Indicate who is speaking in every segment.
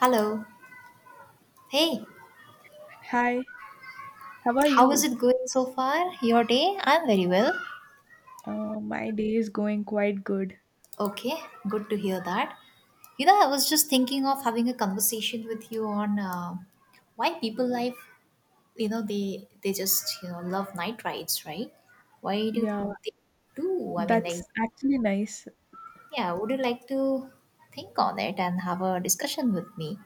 Speaker 1: Hello. Hey,
Speaker 2: Hi, how are
Speaker 1: how is
Speaker 2: you?
Speaker 1: it going so far? Your day? I'm very well.
Speaker 2: My day is going quite good.
Speaker 1: Okay, good to hear that. You know, I was just thinking of having a conversation with you on why people they just love night rides, right? Why do
Speaker 2: Yeah,
Speaker 1: they do?
Speaker 2: that's actually nice.
Speaker 1: Yeah, would you like to think on it and have a discussion with me?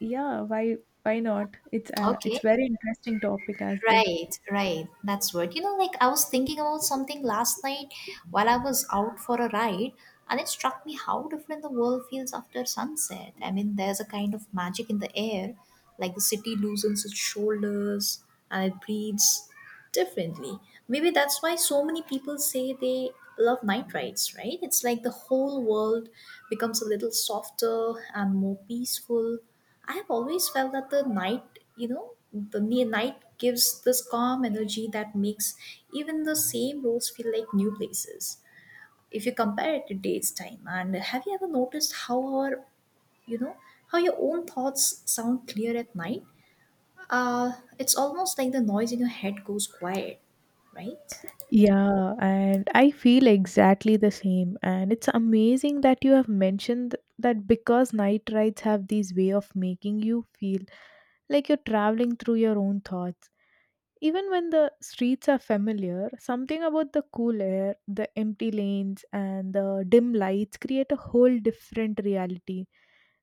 Speaker 2: Yeah, why not? It's
Speaker 1: Okay.
Speaker 2: very interesting topic as though.
Speaker 1: Right, right. That's what. I was thinking about something last night while I was out for a ride, and it struck me how different the world feels after sunset. I mean, there's a kind of magic in the air, like the city loosens its shoulders and it breathes differently. Maybe that's why so many people say they love night rides, right? It's like the whole world becomes a little softer and more peaceful. I have always felt that the night, night gives this calm energy that makes even the same roads feel like new places. If you compare it to day's time, and have you ever noticed you know, how your own thoughts sound clear at night? It's almost like the noise in your head goes quiet, right?
Speaker 2: Yeah, and I feel exactly the same. And it's amazing that you have mentioned that because night rides have this way of making you feel like you're traveling through your own thoughts. Even when the streets are familiar, something about the cool air, the empty lanes, and the dim lights create a whole different reality.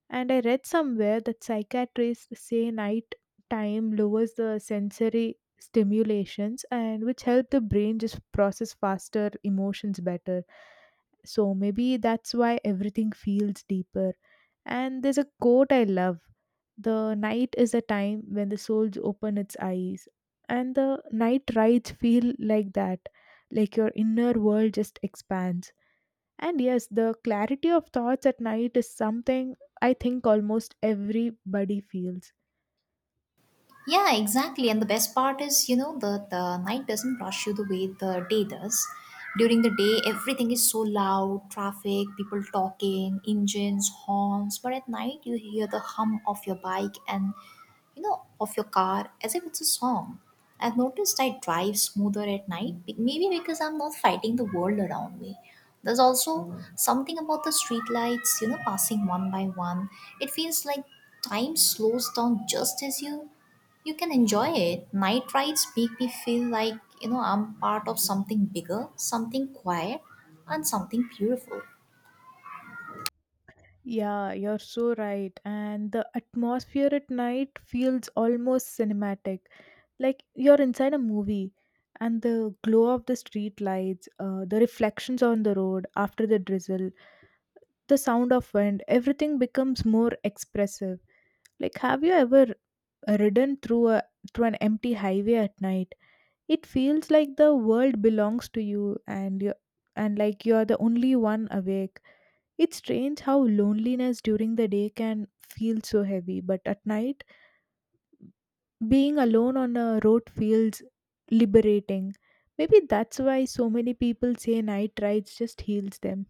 Speaker 2: And I read somewhere that psychiatrists say night time lowers the sensory stimulations and which help the brain just process faster emotions better. So maybe that's why everything feels deeper. And there's a quote I love: the night is a time when the soul opens its eyes, and the night rides feel like that, like your inner world just expands. And yes, the clarity of thoughts at night is something I think almost everybody feels.
Speaker 1: Yeah, exactly. And the best part is, the night doesn't rush you the way the day does. During the day, everything is so loud traffic, people talking, engines, horns. But at night, you hear the hum of your bike and, of your car as if it's a song. I've noticed I drive smoother at night, maybe because I'm not fighting the world around me. There's also something about the streetlights, passing one by one. It feels like time slows down just as you can enjoy it. Night rides make me feel like, I'm part of something bigger, something quiet, and something beautiful.
Speaker 2: Yeah, you're so right, and the atmosphere at night feels almost cinematic, like you're inside a movie. And the glow of the street lights, the reflections on the road after the drizzle, the sound of wind, everything becomes more expressive. Like, have you ever ridden through an empty highway at night? It feels like the world belongs to you, and like you are the only one awake. It's strange how loneliness during the day can feel so heavy, but at night being alone on a road feels liberating. Maybe that's why so many people say night rides just heals them.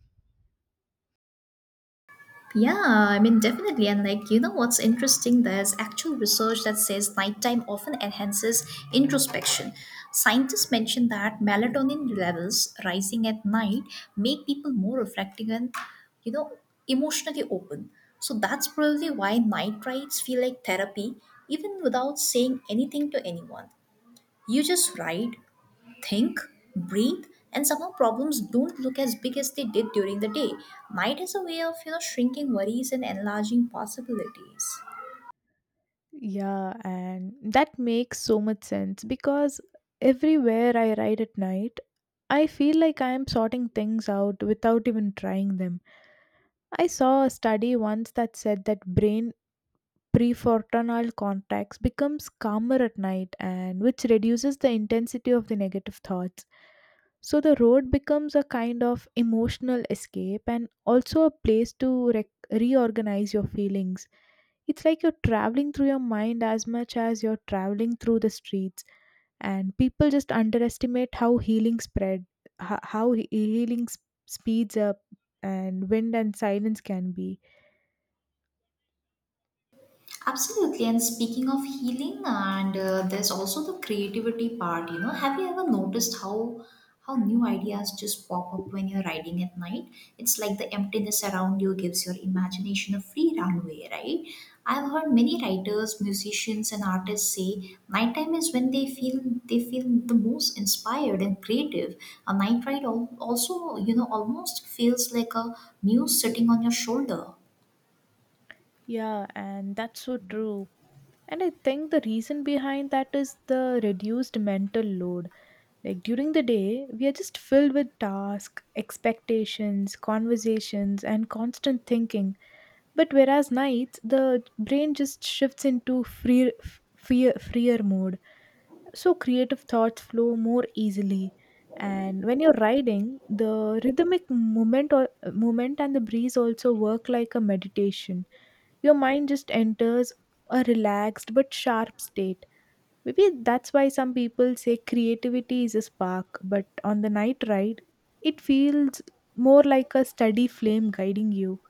Speaker 1: Yeah, I mean, definitely. And, like, you know what's interesting? There's actual research that says nighttime often enhances introspection. Scientists mention that melatonin levels rising at night make people more reflective and, you know, emotionally open. So, that's probably why night rides feel like therapy, even without saying anything to anyone. You just write, think, breathe, and somehow problems don't look as big as they did during the day. Night is a way of shrinking worries and enlarging possibilities.
Speaker 2: Yeah, and that makes so much sense, because everywhere I ride at night, I feel like I am sorting things out without even trying them. I saw a study once that said that brain prefrontal cortex becomes calmer at night and which reduces the intensity of the negative thoughts. So the road becomes a kind of emotional escape and also a place to rec reorganize your feelings. It's like you're traveling through your mind as much as you're traveling through the streets, and people just underestimate how healing spread, ho- how he- healing s- speeds up, and wind and silence can be.
Speaker 1: Absolutely. And speaking of healing, and there's also the creativity part. You know, have you ever noticed how new ideas just pop up when you're riding at night? It's like the emptiness around you gives your imagination a free runway, right? I've heard many writers, musicians, and artists say nighttime is when they feel the most inspired and creative. A night ride also, almost feels like a muse sitting on your shoulder.
Speaker 2: Yeah, and that's so true. And I think the reason behind that is the reduced mental load. Like, during the day we are just filled with tasks, expectations, conversations, and constant thinking. But whereas nights, the brain just shifts into freer mode. So creative thoughts flow more easily. And when you're riding, the movement and the breeze also work like a meditation. Your mind just enters a relaxed but sharp state. Maybe that's why some people say creativity is a spark, but on the night ride it feels more like a steady flame guiding you.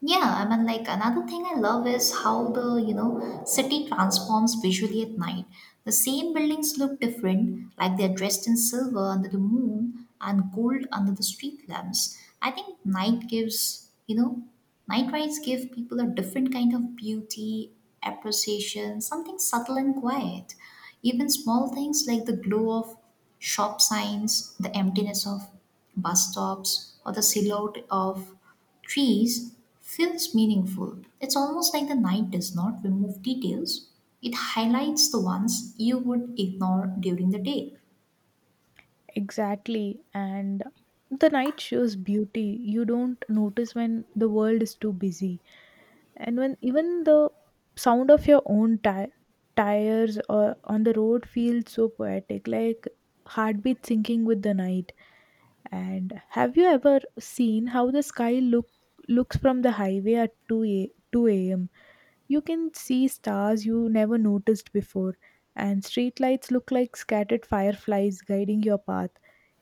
Speaker 1: Yeah, I mean, like another thing I love is how the city transforms visually at night. The same buildings look different, like they're dressed in silver under the moon and gold under the street lamps. I think night rides give people a different kind of beauty, appreciation, something subtle and quiet. Even small things like the glow of shop signs, the emptiness of bus stops, or the silhouette of trees feels meaningful. It's almost like the night does not remove details, it highlights the ones you would ignore during the day.
Speaker 2: Exactly. And the night shows beauty you don't notice when the world is too busy. And when even the sound of your own tires or on the road feels so poetic, like heartbeat syncing with the night. And have you ever seen how the sky looks from the highway at 2 a.m.? You can see stars you never noticed before, and streetlights look like scattered fireflies guiding your path.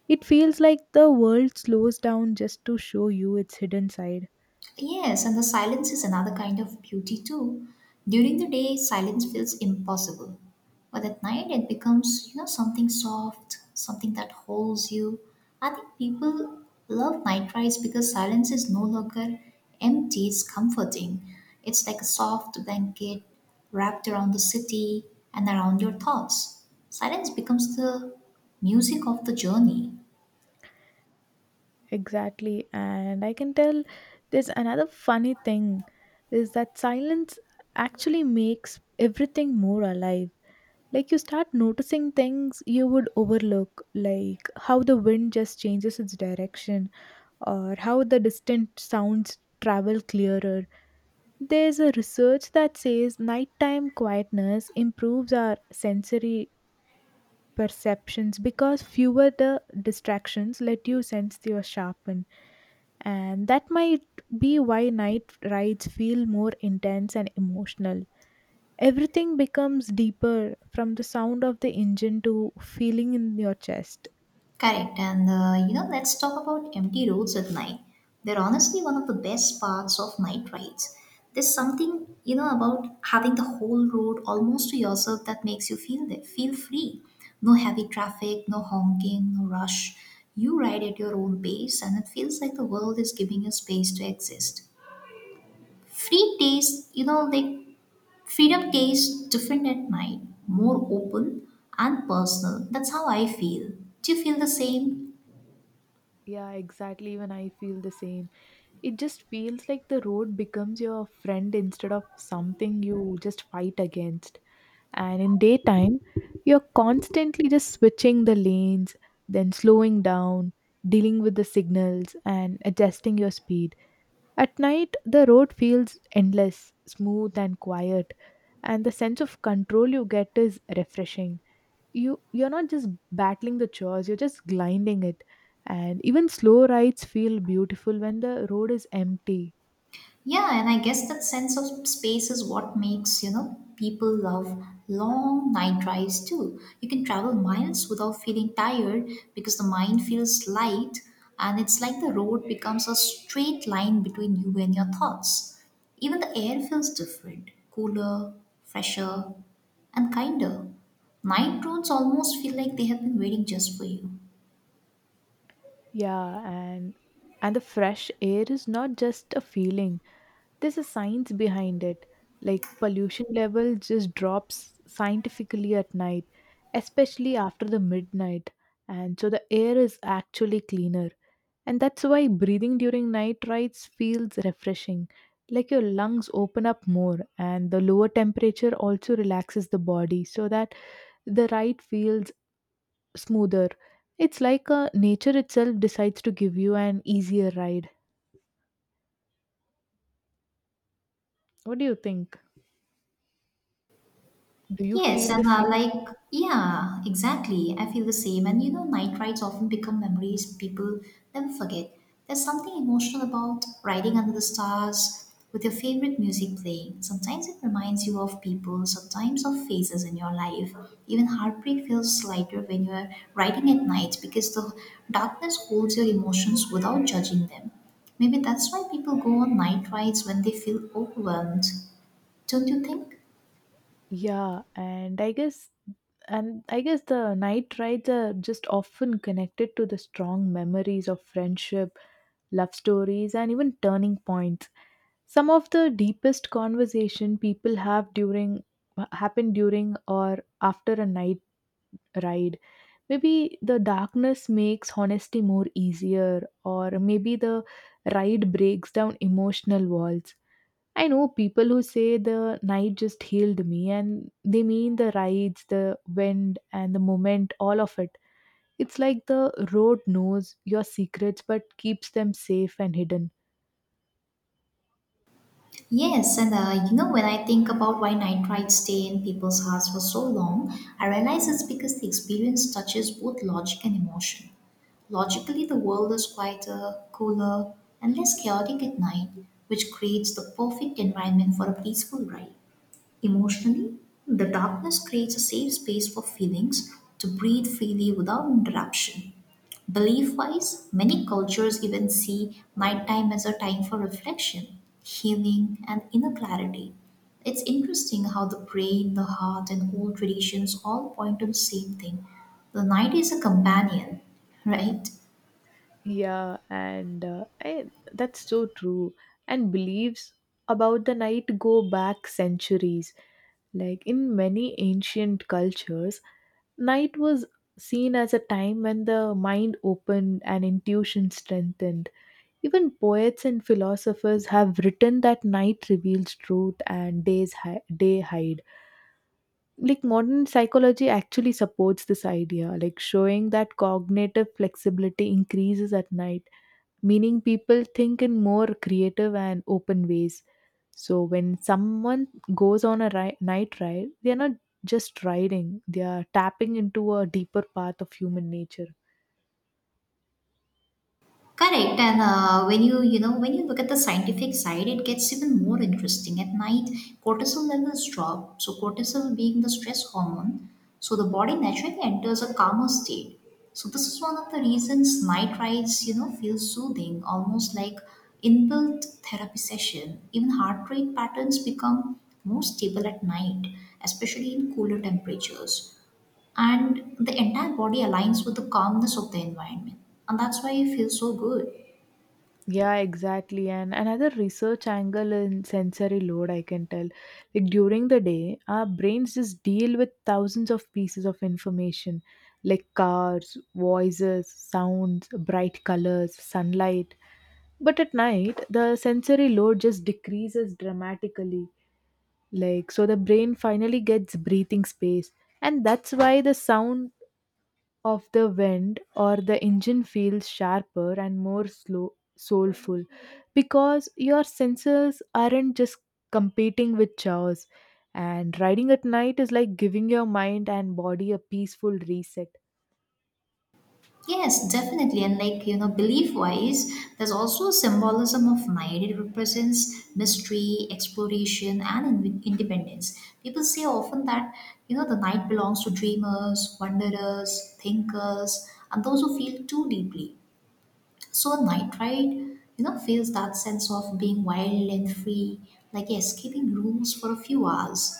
Speaker 2: It feels like the world slows down just to show you its hidden side.
Speaker 1: Yes, and the silence is another kind of beauty too. During the day, silence feels impossible. But at night, it becomes, something soft, something that holds you. I think people love night rides because silence is no longer empty, it's comforting. It's like a soft blanket wrapped around the city and around your thoughts. Silence becomes the music of the journey.
Speaker 2: Exactly. And I can tell there's another funny thing is that silence actually makes everything more alive. Like, you start noticing things you would overlook, like how the wind just changes its direction or how the distant sounds travel clearer. There's a research that says nighttime quietness improves our sensory perceptions because fewer the distractions let you sense your sharpen, and that might be why night rides feel more intense and emotional. Everything becomes deeper, from the sound of the engine to feeling in your chest.
Speaker 1: Correct. And you know, let's talk about empty roads at night. They're honestly one of the best parts of night rides. There's something you know about having the whole road almost to yourself that makes you feel that feel free. No heavy traffic, no honking, no rush. You ride at your own pace, and it feels like the world is giving you space to exist. Free taste, you know, like freedom tastes different at night, more open and personal. That's how I feel. Do you feel the same?
Speaker 2: Yeah, exactly. Even I feel the same. It just feels like the road becomes your friend instead of something you just fight against. And in daytime you're constantly just switching the lanes, then slowing down, dealing with the signals and adjusting your speed. At night the road feels endless, smooth and quiet, and the sense of control you get is refreshing. You're not just battling the chores, you're just gliding it. And even slow rides feel beautiful when the road is empty.
Speaker 1: Yeah, and I guess that sense of space is what makes, people love long night drives too. You can travel miles without feeling tired because the mind feels light and it's like the road becomes a straight line between you and your thoughts. Even the air feels different, cooler, fresher, and kinder. Night roads almost feel like they have been waiting just for you.
Speaker 2: Yeah, and the fresh air is not just a feeling, there's a science behind it. Like, pollution level just drops scientifically at night, especially after the midnight, and so the air is actually cleaner. And that's why breathing during night rides feels refreshing, like your lungs open up more. And the lower temperature also relaxes the body, so that the ride feels smoother. It's like nature itself decides to give you an easier ride. What do you think? Do you
Speaker 1: Yes,
Speaker 2: feel the
Speaker 1: and
Speaker 2: same?
Speaker 1: yeah, exactly. I feel the same. And you know, night rides often become memories people never forget. There's something emotional about riding under the stars with your favorite music playing. Sometimes it reminds you of people, sometimes of phases in your life. Even heartbreak feels lighter when you're riding at night because the darkness holds your emotions without judging them. Maybe that's why people go on night rides when they feel overwhelmed. Don't you think?
Speaker 2: Yeah, and I guess the night rides are just often connected to the strong memories of friendship, love stories, and even turning points. Some of the deepest conversation people have during happen during or after a night ride. Maybe the darkness makes honesty more easier, or maybe the ride breaks down emotional walls. I know people who say the night just healed me, and they mean the rides, the wind, and the moment, all of it. It's like the road knows your secrets but keeps them safe and hidden.
Speaker 1: Yes, and you know, when I think about why night rides stay in people's hearts for so long, I realize it's because the experience touches both logic and emotion. Logically, the world is quieter, cooler, and less chaotic at night, which creates the perfect environment for a peaceful ride. Emotionally, the darkness creates a safe space for feelings to breathe freely without interruption. Belief wise, many cultures even see nighttime as a time for reflection, healing, and inner clarity. It's interesting how the brain, the heart, and old traditions all point to the same thing. The night is a companion, right?
Speaker 2: Yeah, and that's so true. And beliefs about the night go back centuries. Like, in many ancient cultures night was seen as a time when the mind opened and intuition strengthened. Even poets and philosophers have written that night reveals truth and day hide. Like, modern psychology actually supports this idea, like showing that cognitive flexibility increases at night, meaning people think in more creative and open ways. So when someone goes on a night ride, they are not just riding; they are tapping into a deeper path of human nature.
Speaker 1: Correct. And you know, when you look at the scientific side, it gets even more interesting. At night, cortisol levels drop. So cortisol being the stress hormone, so the body naturally enters a calmer state. So this is one of the reasons night rides, feel soothing, almost like inbuilt therapy session. Even heart rate patterns become more stable at night, especially in cooler temperatures. And the entire body aligns with the calmness of the environment. And that's why you feel so good.
Speaker 2: Yeah, exactly. And another research angle in sensory load, I can tell. Like, during the day our brains just deal with thousands of pieces of information, like cars, voices, sounds, bright colors, sunlight. But at night the sensory load just decreases dramatically. Like, so the brain finally gets breathing space. And that's why the sound of the wind or the engine feels sharper and more slow soulful, because your senses aren't just competing with chores. And riding at night is like giving your mind and body a peaceful reset.
Speaker 1: Yes, definitely. And like, you know, belief wise, there's also a symbolism of night. It represents mystery, exploration, and independence. People say often that, the night belongs to dreamers, wanderers, thinkers, and those who feel too deeply. So a night ride, feels that sense of being wild and free, like escaping rooms for a few hours,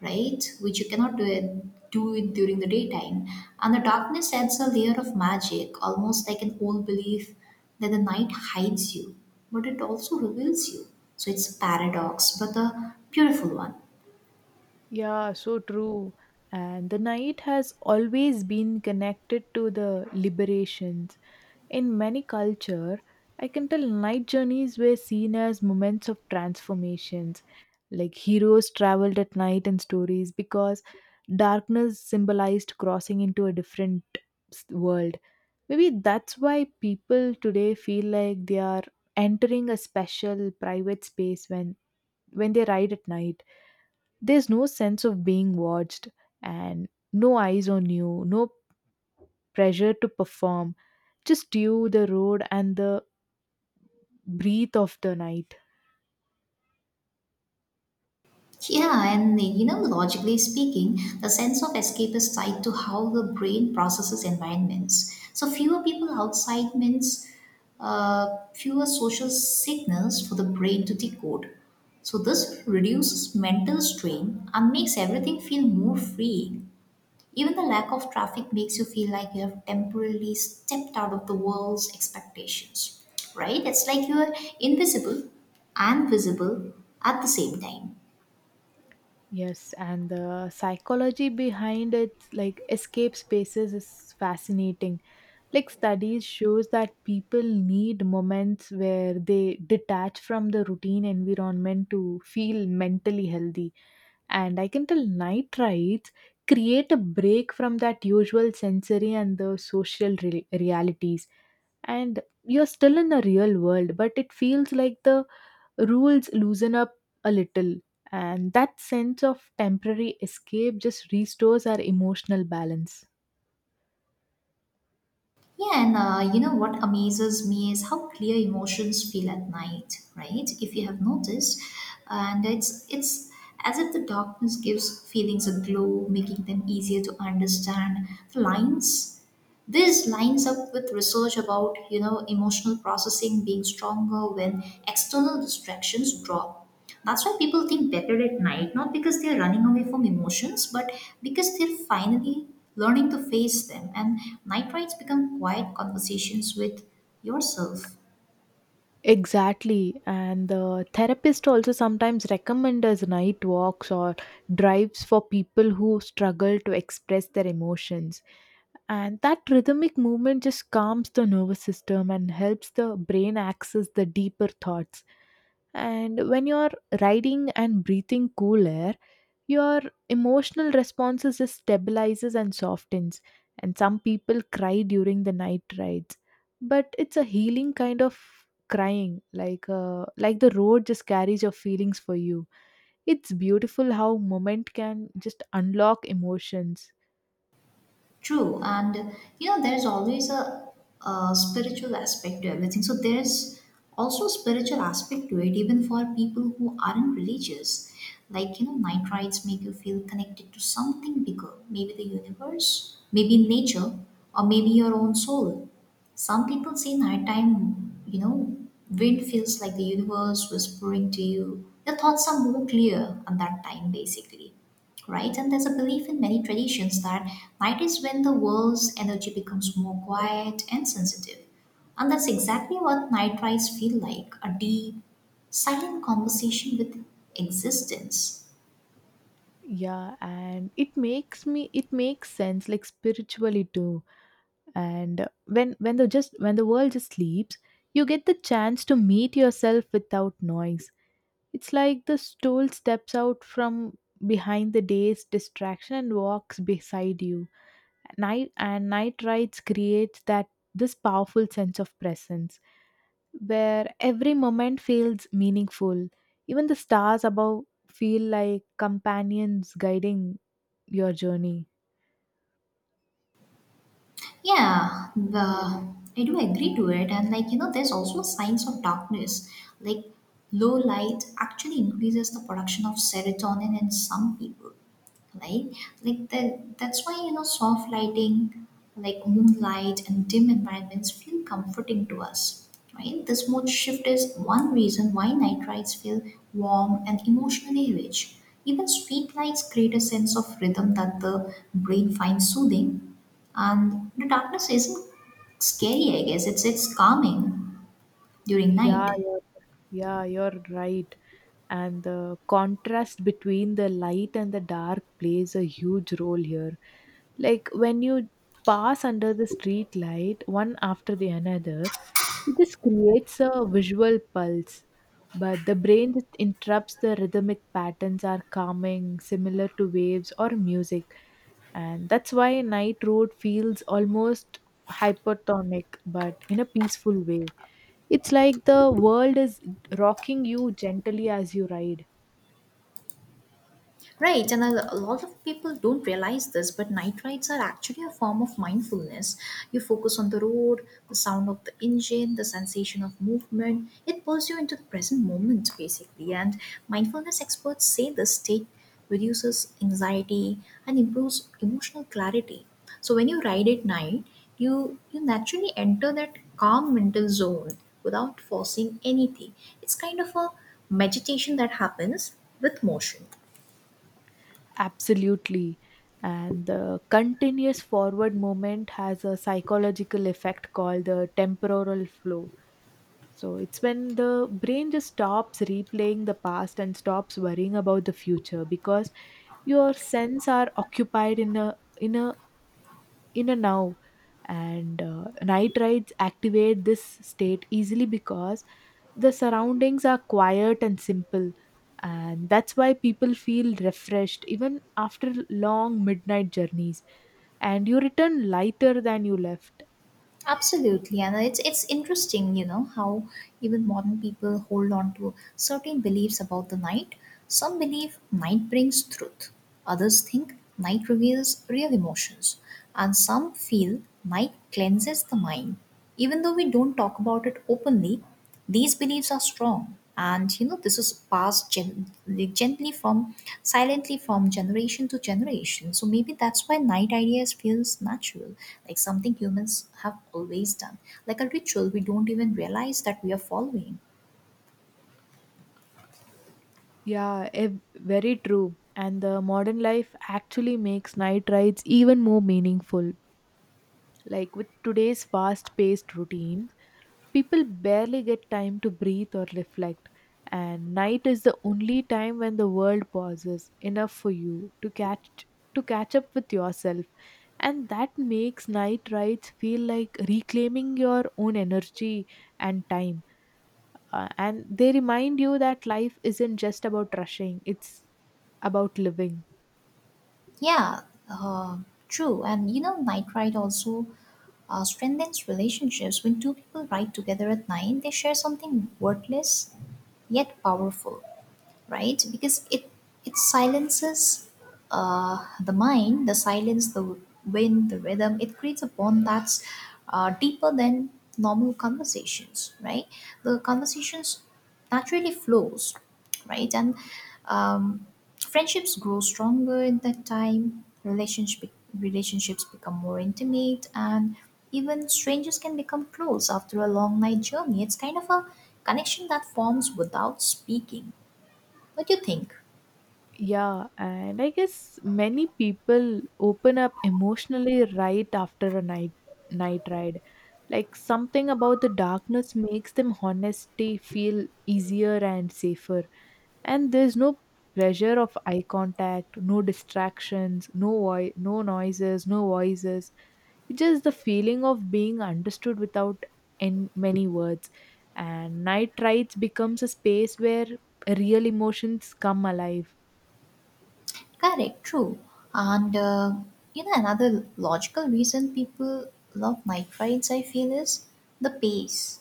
Speaker 1: right? Which you cannot do it during the daytime. And the darkness adds a layer of magic, almost like an old belief that the night hides you, but it also reveals you. So it's a paradox, but a beautiful one.
Speaker 2: Yeah, so true. And the night has always been connected to the liberation. In many culture, I can tell night journeys were seen as moments of transformations. Like, heroes traveled at night in stories because darkness symbolized crossing into a different world. Maybe that's why people today feel like they are entering a special private space when they ride at night. There's no sense of being watched, and no eyes on you, no pressure to perform, just you, the road, and the breathe of the night.
Speaker 1: Yeah, and you know, logically speaking, the sense of escape is tied to how the brain processes environments. So, fewer people outside means uh, fewer social signals for the brain to decode. So, this reduces mental strain and makes everything feel more freeing. Even the lack of traffic makes you feel like you have temporarily stepped out of the world's expectations, right? It's like you are invisible and visible at the same time.
Speaker 2: Yes, and the psychology behind it, like escape spaces, is fascinating. Like, studies shows that people need moments where they detach from the routine environment to feel mentally healthy. And I can tell night rides create a break from that usual sensory and the social realities. And you're still in a real world, but it feels like the rules loosen up a little, and that sense of temporary escape just restores our emotional balance.
Speaker 1: Yeah, and you know what amazes me is how clear emotions feel at night, right? If you have noticed, and it's as if the darkness gives feelings a glow, making them easier to understand. The lines this lines up with research about, emotional processing being stronger when external distractions drop. That's why people think better at night, not because they're running away from emotions, but because they're finally learning to face them. And night rides become quiet conversations with yourself.
Speaker 2: Exactly, and the therapist also sometimes recommend us night walks or drives for people who struggle to express their emotions. And that rhythmic movement just calms the nervous system and helps the brain access the deeper thoughts. And when you're riding and breathing cool air, your emotional responses just stabilizes and softens. And some people cry during the night rides, but it's a healing kind of crying, like the road just carries your feelings for you. It's beautiful how moment can just unlock emotions.
Speaker 1: True, and you know, a spiritual aspect to everything. So there's also a spiritual aspect to it, even for people who aren't religious. Night rides make you feel connected to something bigger, maybe the universe, maybe nature, or maybe your own soul. Some people say nighttime, wind feels like the universe whispering to you. Your thoughts are more clear at that time, basically right? And there's a belief in many traditions that night is when the world's energy becomes more quiet and sensitive. And that's exactly what night rides feel like a deep, silent conversation with existence.
Speaker 2: Yeah, and it makes sense, like spiritually too. And when the world just sleeps, you get the chance to meet yourself without noise. It's like the stool steps out from behind the day's distraction and walks beside you. Night and night rides creates that this powerful sense of presence, where every moment feels meaningful. Even the stars above feel like companions guiding your journey.
Speaker 1: Yeah, I do agree to it. And like, you know, there's also signs of darkness. Like, low light actually increases the production of serotonin in some people. Like, that's why soft lighting, like moonlight and dim environments, feel comforting to us, right? This mood shift is one reason why night rides feel warm and emotionally rich. Even street lights create a sense of rhythm that the brain finds soothing, and the darkness isn't scary, I guess, it's calming during
Speaker 2: Yeah,
Speaker 1: night.
Speaker 2: you're, yeah, you're right. And the contrast between the light and the dark plays a huge role here. Like, when you pass under the street light one after the another, this creates a visual pulse. But the brain that interrupts the rhythmic patterns are calming, similar to waves or music. And that's why night road feels almost hypertonic but in a peaceful way. It's like the world is rocking you gently as you ride.
Speaker 1: Right, and a lot of people don't realize this, but night rides are actually a form of mindfulness. You focus on the road, the sound of the engine, the sensation of movement. It pulls you into the present moment, basically. And mindfulness experts say this state reduces anxiety and improves emotional clarity. So when you ride at night, you naturally enter that calm mental zone without forcing anything. It's kind of a meditation that happens with motion.
Speaker 2: Absolutely. And the continuous forward movement has a psychological effect called the temporal flow. So it's when the brain just stops replaying the past and stops worrying about the future because your sense are occupied in a now and night rides activate this state easily because the surroundings are quiet and simple, and that's why people feel refreshed even after long midnight journeys, and you return lighter than you left.
Speaker 1: Absolutely, and it's interesting, you know, how even modern people hold on to certain beliefs about the night. Some believe night brings truth. Others think night reveals real emotions, and some feel night cleanses the mind. Even though we don't talk about it openly, these beliefs are strong, and you know this is passed gen- gently from silently from generation to generation. So maybe that's why night ideas feels natural, like something humans have always done, like a ritual we don't even realize that we are following.
Speaker 2: Very true, and the modern life actually makes night rides even more meaningful. Like with today's fast paced routine, people barely get time to breathe or reflect, and night is the only time when the world pauses enough for you to catch up with yourself. And that makes night rides feel like reclaiming your own energy and time. And they remind you that life isn't just about rushing, it's about living.
Speaker 1: Yeah, uh, true. And you know, night ride also strengthens relationships. When two people ride together at night, they share something worthless yet powerful. Right, because it silences the mind, the silence, the wind, the rhythm. It creates a bond that's deeper than normal conversations, right? The conversations naturally flows, right? And um, friendships grow stronger in that time. Relationships become more intimate, and even strangers can become close after a long night journey. It's kind of a connection that forms without speaking. What do you think?
Speaker 2: Yeah, and I guess many people open up emotionally right after a night ride. Like something about the darkness makes them honesty feel easier and safer. And there's no pressure of eye contact, no distractions, no noises, no voices. It's just the feeling of being understood without in many words. And night rides becomes a space where real emotions come alive.
Speaker 1: Correct, true. And you know, another logical reason people love night rides, I feel, is the pace.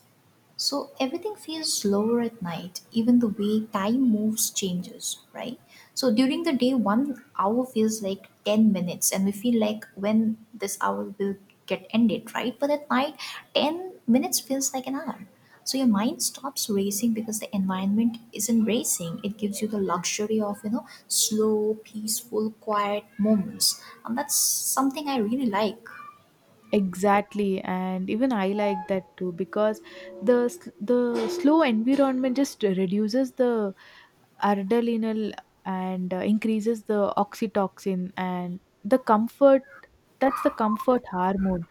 Speaker 1: So everything feels slower at night, even the way time moves changes, right? So during the day, one hour feels like 10 minutes, and we feel like when this hour will get ended, right? But at night, 10 minutes feels like an hour. So your mind stops racing because the environment isn't racing. It gives you the luxury of, you know, slow, peaceful, quiet moments. And that's something I really like.
Speaker 2: Exactly, and even I like that too because the slow environment just reduces the adrenaline and increases the oxytocin and the comfort. That's the comfort hormone,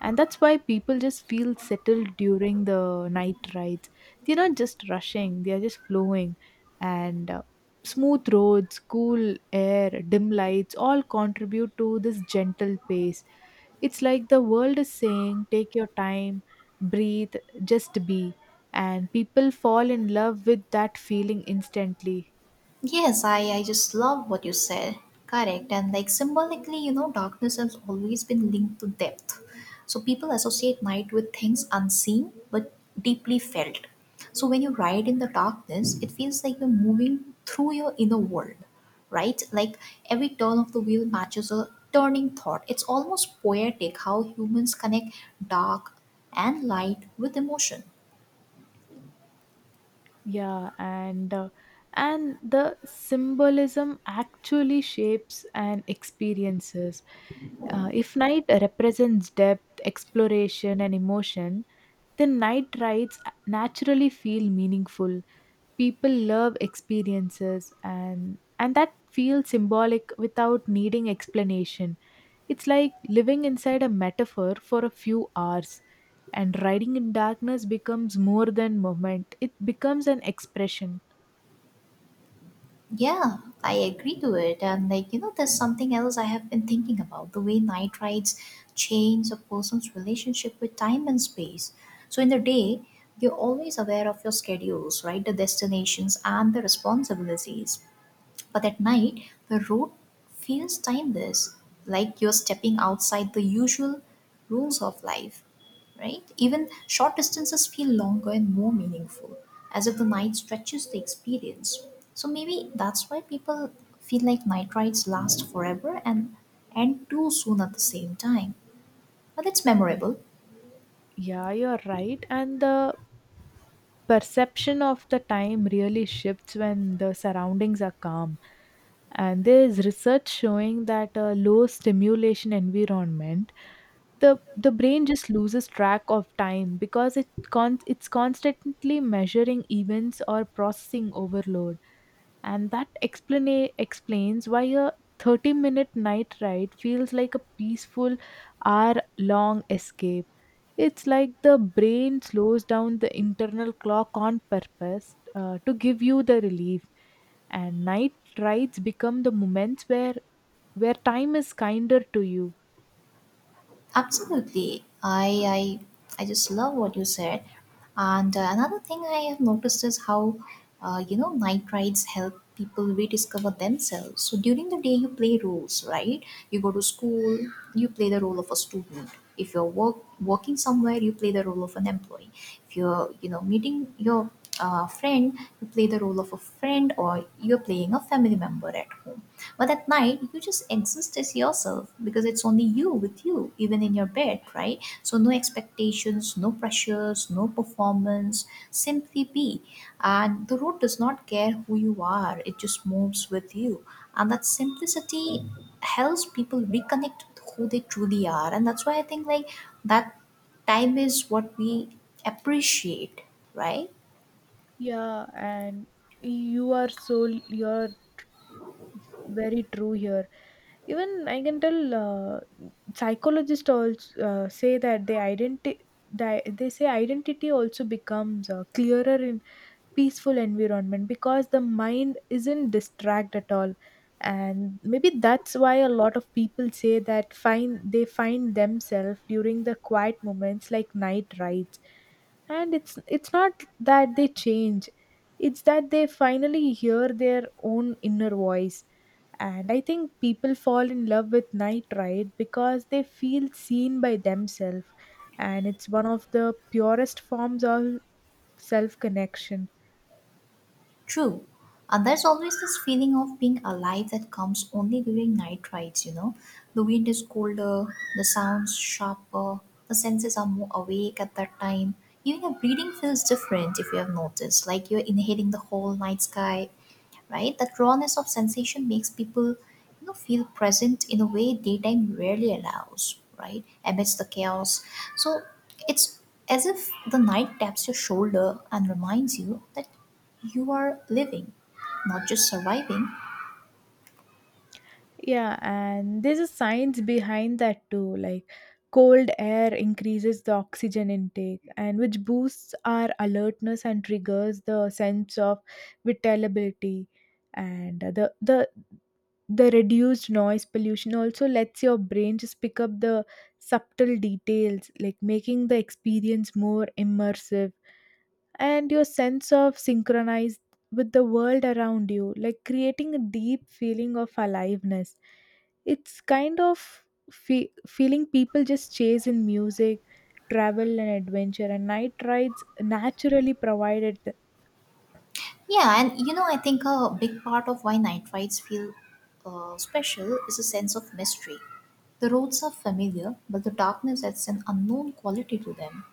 Speaker 2: and that's why people just feel settled during the night rides. They're not just rushing, they're just flowing. And smooth roads, cool air, dim lights all contribute to this gentle pace. It's like the world is saying take your time, breathe, just be, and people fall in love with that feeling instantly.
Speaker 1: Yes, I just love what you said. Correct. And like symbolically, you know, darkness has always been linked to depth. So people associate night with things unseen but deeply felt. So when you ride in the darkness, it feels like you're moving through your inner world, right? Like every turn of the wheel matches a turning thought. It's almost poetic how humans connect dark and light with emotion.
Speaker 2: Yeah and uh, and the symbolism actually shapes and experiences. If night represents depth, exploration, and emotion, then night rides naturally feel meaningful. People love experiences, and that feels symbolic without needing explanation. It's like living inside a metaphor for a few hours, and riding in darkness becomes more than movement. It becomes an expression.
Speaker 1: Yeah, I agree to it. And like, you know, there's something else I have been thinking about the way night rides change a person's relationship with time and space. So in the day, you're always aware of your schedules, right? The destinations and the responsibilities. But at night, the road feels timeless, like you're stepping outside the usual rules of life, right? Even short distances feel longer and more meaningful, as if the night stretches the experience. So maybe that's why people feel like night rides last forever and end too soon at the same time. But it's memorable.
Speaker 2: Yeah, you're right, and the perception of the time really shifts when the surroundings are calm. And there is research showing that a low stimulation environment, the brain just loses track of time because it's constantly measuring events or processing overload, and that explains why a 30-minute night ride feels like a peaceful hour long escape. It's like the brain slows down the internal clock on purpose to give you the relief, and night rides become the moments where time is kinder to you.
Speaker 1: Absolutely. I I just love what you said. And another thing I have noticed is how you know night rides help people rediscover themselves. So during the day you play roles, right? You go to school, you play the role of a student. If you're working somewhere, you play the role of an employee. If you're you know meeting your friend, you play the role of a friend, or you're playing a family member at home. But at night, you just exist as yourself because it's only you with you, even in your bed, right? So, no expectations, no pressures, no performance, simply be. And the road does not care who you are, it just moves with you. And that simplicity helps people reconnect with who they truly are. And that's why I think, like, that time is what we appreciate, right?
Speaker 2: Yeah, and you are so you're very true here. Even I can tell psychologists also say that they they say identity also becomes clearer in peaceful environment because the mind isn't distract at all. And maybe that's why a lot of people say that find they find themselves during the quiet moments like night rides. And it's not that they change, it's that they finally hear their own inner voice. And I think people fall in love with night ride because they feel seen by themselves, and it's one of the purest forms of self connection.
Speaker 1: True. And there's always this feeling of being alive that comes only during night rides, you know. The wind is colder, the sounds sharper, the senses are more awake at that time. Even your breathing feels different if you have noticed, like you're inhaling the whole night sky, right? That rawness of sensation makes people, you know, feel present in a way daytime rarely allows, right? Amidst the chaos. So it's as if the night taps your shoulder and reminds you that you are living, not just surviving.
Speaker 2: Yeah, and there's a science behind that too. Like cold air increases the oxygen intake and which boosts our alertness and triggers the sense of vitality. And the reduced noise pollution also lets your brain just pick up the subtle details, like making the experience more immersive, and your sense of synchronized with the world around you, like creating a deep feeling of aliveness. It's kind of feeling people just chase in music, travel, and adventure, and night rides naturally provided.
Speaker 1: Yeah, and you know, I think a big part of why night rides feel special is a sense of mystery. The roads are familiar, but the darkness adds an unknown quality to them.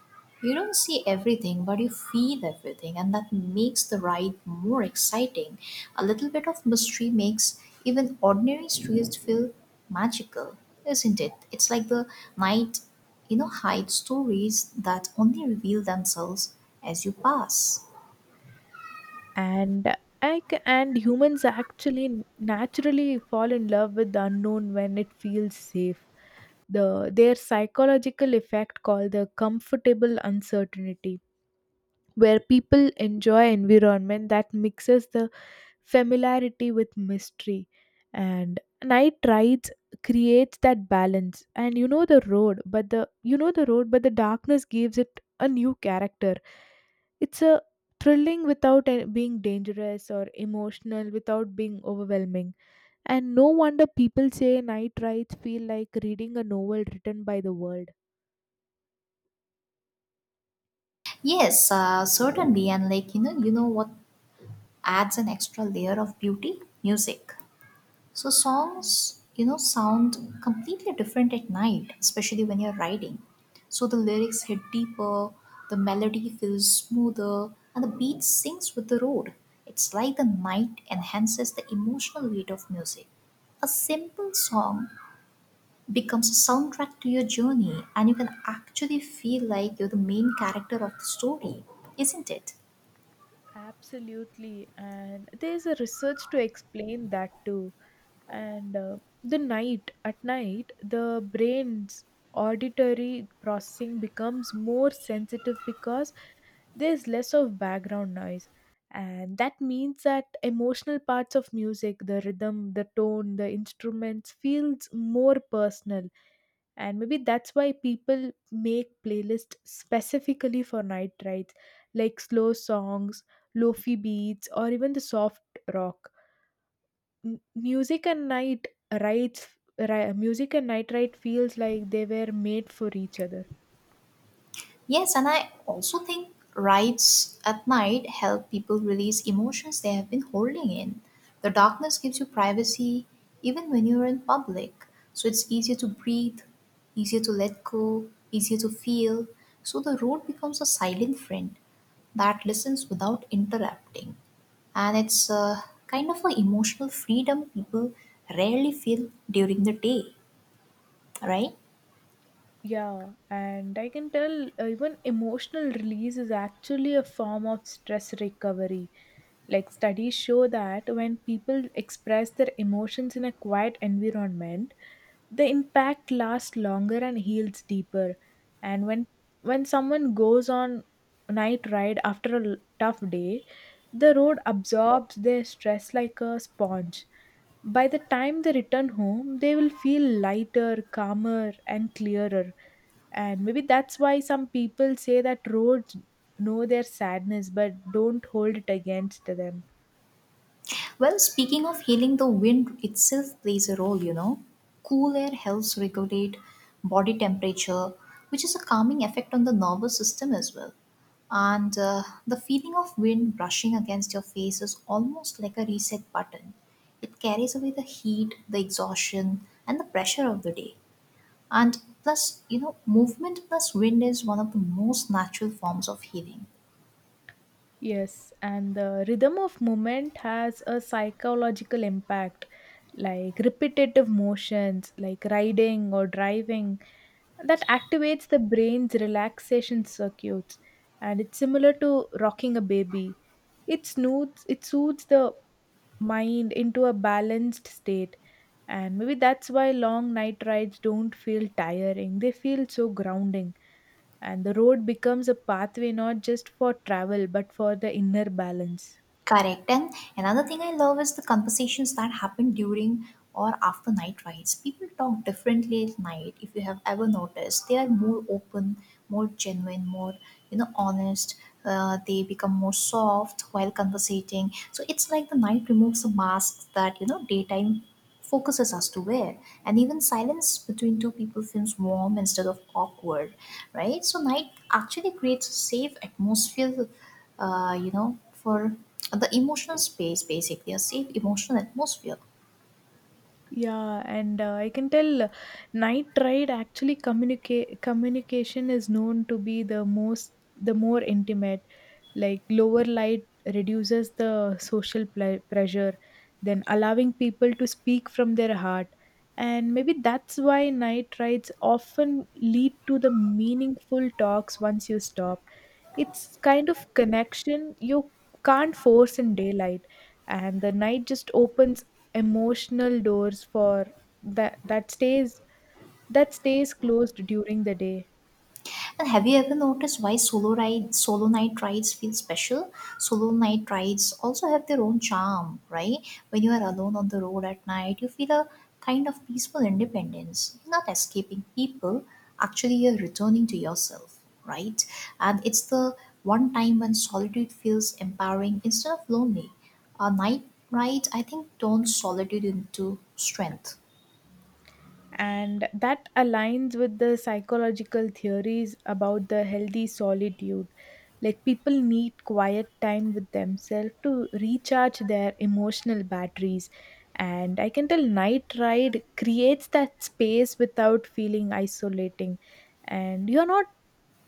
Speaker 1: You don't see everything, but you feel everything, and that makes the ride more exciting. A little bit of mystery makes even ordinary streets feel magical, isn't it? It's like the night, you know, hides stories that only reveal themselves as you pass.
Speaker 2: And and humans actually naturally fall in love with the unknown when it feels safe. The their psychological effect called the comfortable uncertainty, where people enjoy environment that mixes the familiarity with mystery, and night rides creates that balance. And you know the road but the You know the road, but the darkness gives it a new character. It's a thrilling without being dangerous, or emotional without being overwhelming, and no wonder people say night rides feel like reading a novel written by the world.
Speaker 1: Yes, certainly. And like, you know what adds an extra layer of beauty? Music. So
Speaker 2: Mm, mm.
Speaker 1: songs, you know, sound completely different at night, especially when you're riding. So the lyrics hit deeper, the melody feels smoother, and the beat syncs with the road. It's like the night enhances the emotional weight of music. A simple song becomes a soundtrack to your journey, and you can actually feel like you're the main character of the story, isn't it?
Speaker 2: Absolutely. And there's a research to explain that too. And the night, at night, the brain's auditory processing becomes more sensitive because there's less of background noise. And that means that emotional parts of music, the rhythm, the tone, the instruments, feels more personal. And maybe that's why people make playlists specifically for night rides, like slow songs, lofi beats, or even the soft rock. M- music and night rides Music and night ride feels like they were made for each other.
Speaker 1: Yes, and I also think rides at night help people release emotions they have been holding in. The darkness gives you privacy even when you're in public. So it's easier to breathe, easier to let go, easier to feel. So the road becomes a silent friend that listens without interrupting. And it's a kind of an emotional freedom people rarely feel during the day, right?
Speaker 2: Yeah, and I can tell even emotional release is actually a form of stress recovery. Like studies show that when people express their emotions in a quiet environment, the impact lasts longer and heals deeper. And when someone goes on night ride after a tough day, the road absorbs their stress like a sponge. By the time they return home, they will feel lighter, calmer, and clearer. And maybe that's why some people say that roads know their sadness but don't hold it against them.
Speaker 1: Well, speaking of healing, the wind itself plays a role, you know. Cool air helps regulate body temperature, which is a calming effect on the nervous system as well. And the feeling of wind brushing against your face is almost like a reset button. It carries away the heat, the exhaustion, and the pressure of the day. And plus, you know, movement plus wind is one of the most natural forms of healing.
Speaker 2: Yes, and the rhythm of movement has a psychological impact, like repetitive motions, like riding or driving, that activates the brain's relaxation circuits. And it's similar to rocking a baby. It soothes the mind into a balanced state, and maybe that's why long night rides don't feel tiring, they feel so grounding, and the road becomes a pathway not just for travel but for the inner balance.
Speaker 1: Correct. And another thing I love is the conversations that happen during or after night rides. People talk differently at night, if you have ever noticed. They are more open, more genuine, more, you know, honest. They become more soft while conversating. So it's like the night removes the masks that, you know, daytime focuses us to, where and even silence between two people feels warm instead of awkward, right? So night actually creates a safe atmosphere, you know, for the emotional space, basically a safe emotional atmosphere.
Speaker 2: Yeah and uh, i can tell night ride actually communicate communication is known to be the more intimate. Like lower light reduces the social pressure, then allowing people to speak from their heart. And maybe that's why night rides often lead to the meaningful talks once you stop. It's kind of connection you can't force in daylight, and the night just opens emotional doors for that that stays that stays closed during the day.
Speaker 1: And have you ever noticed why solo night rides feel special? Solo night rides also have their own charm, right? When you are alone on the road at night, you feel a kind of peaceful independence. You're not escaping people, actually you're returning to yourself, right? And it's the one time when solitude feels empowering instead of lonely. A night ride, I think, turns solitude into strength.
Speaker 2: And that aligns with the psychological theories about the healthy solitude. Like people need quiet time with themselves to recharge their emotional batteries, and I can tell night ride creates that space without feeling isolating, and you're not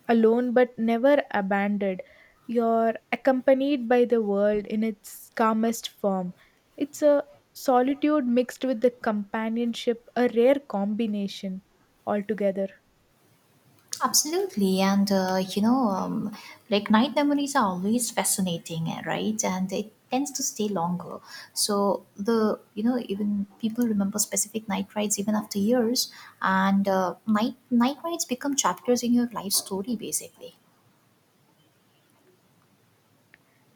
Speaker 2: alone but never abandoned. You're accompanied by the world in its calmest form. It's a solitude mixed with the companionship, a rare combination altogether.
Speaker 1: Absolutely, and like night memories are always fascinating, eh, right? And it tends to stay longer. So the you know even people remember specific night rides even after years, and night rides become chapters in your life story basically.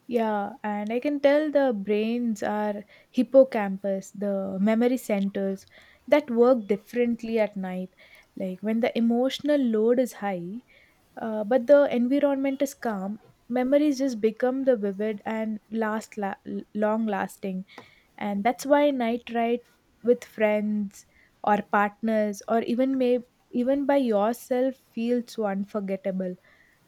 Speaker 2: Yeah, and I can tell the brains are hippocampus, the memory centers that work differently at night. Like when the emotional load is high, but the environment is calm, memories just become the vivid and long lasting, and that's why night ride with friends or partners or even may even by yourself feels so unforgettable.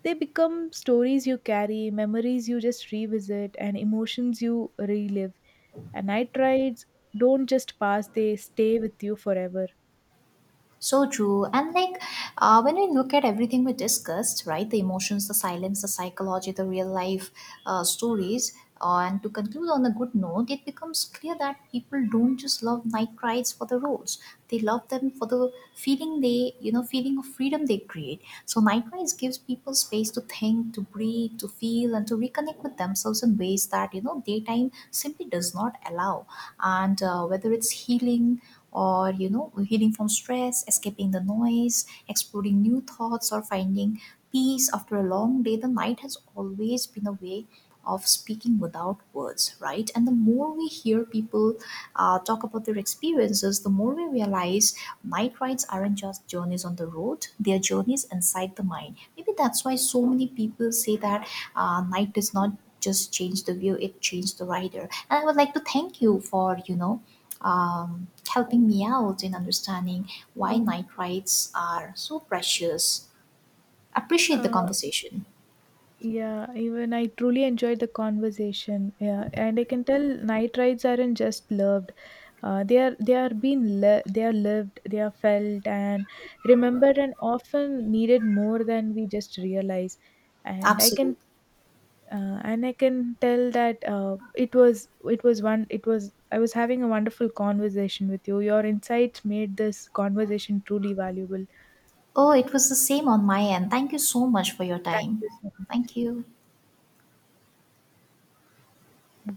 Speaker 2: They become stories you carry, memories you just revisit, and emotions you relive. And night rides don't just pass; they stay with you forever.
Speaker 1: So true. And like when we look at everything we discussed, right, the emotions, the silence, the psychology, the real life stories, and to conclude on a good note, it becomes clear that people don't just love night rides for the roads. They love them for the feeling they, you know, feeling of freedom they create. So night rides gives people space to think, to breathe, to feel, and to reconnect with themselves in ways that, you know, daytime simply does not allow. And whether it's healing, or you know healing from stress, escaping the noise, exploring new thoughts, or finding peace after a long day, the night has always been a way of speaking without words, right? And the more we hear people talk about their experiences, the more we realize night rides aren't just journeys on the road, they are journeys inside the mind. Maybe that's why so many people say that night does not just change the view, it changed the rider. And I would like to thank you for you know helping me out in understanding why night rides are so precious. Appreciate the
Speaker 2: Uh,
Speaker 1: conversation.
Speaker 2: Yeah, even I truly enjoyed the conversation. Yeah, and I can tell night rides aren't just loved. They are lived, they are felt and remembered, and often needed more than we just realize. And I can
Speaker 1: Absolutely.
Speaker 2: and I can tell that it was one it was I was having a wonderful conversation with you. Your insights made this conversation truly valuable.
Speaker 1: Oh, it was the same on my end. Thank you so much for your
Speaker 2: Thank
Speaker 1: time.
Speaker 2: you so
Speaker 1: Thank you.
Speaker 2: much.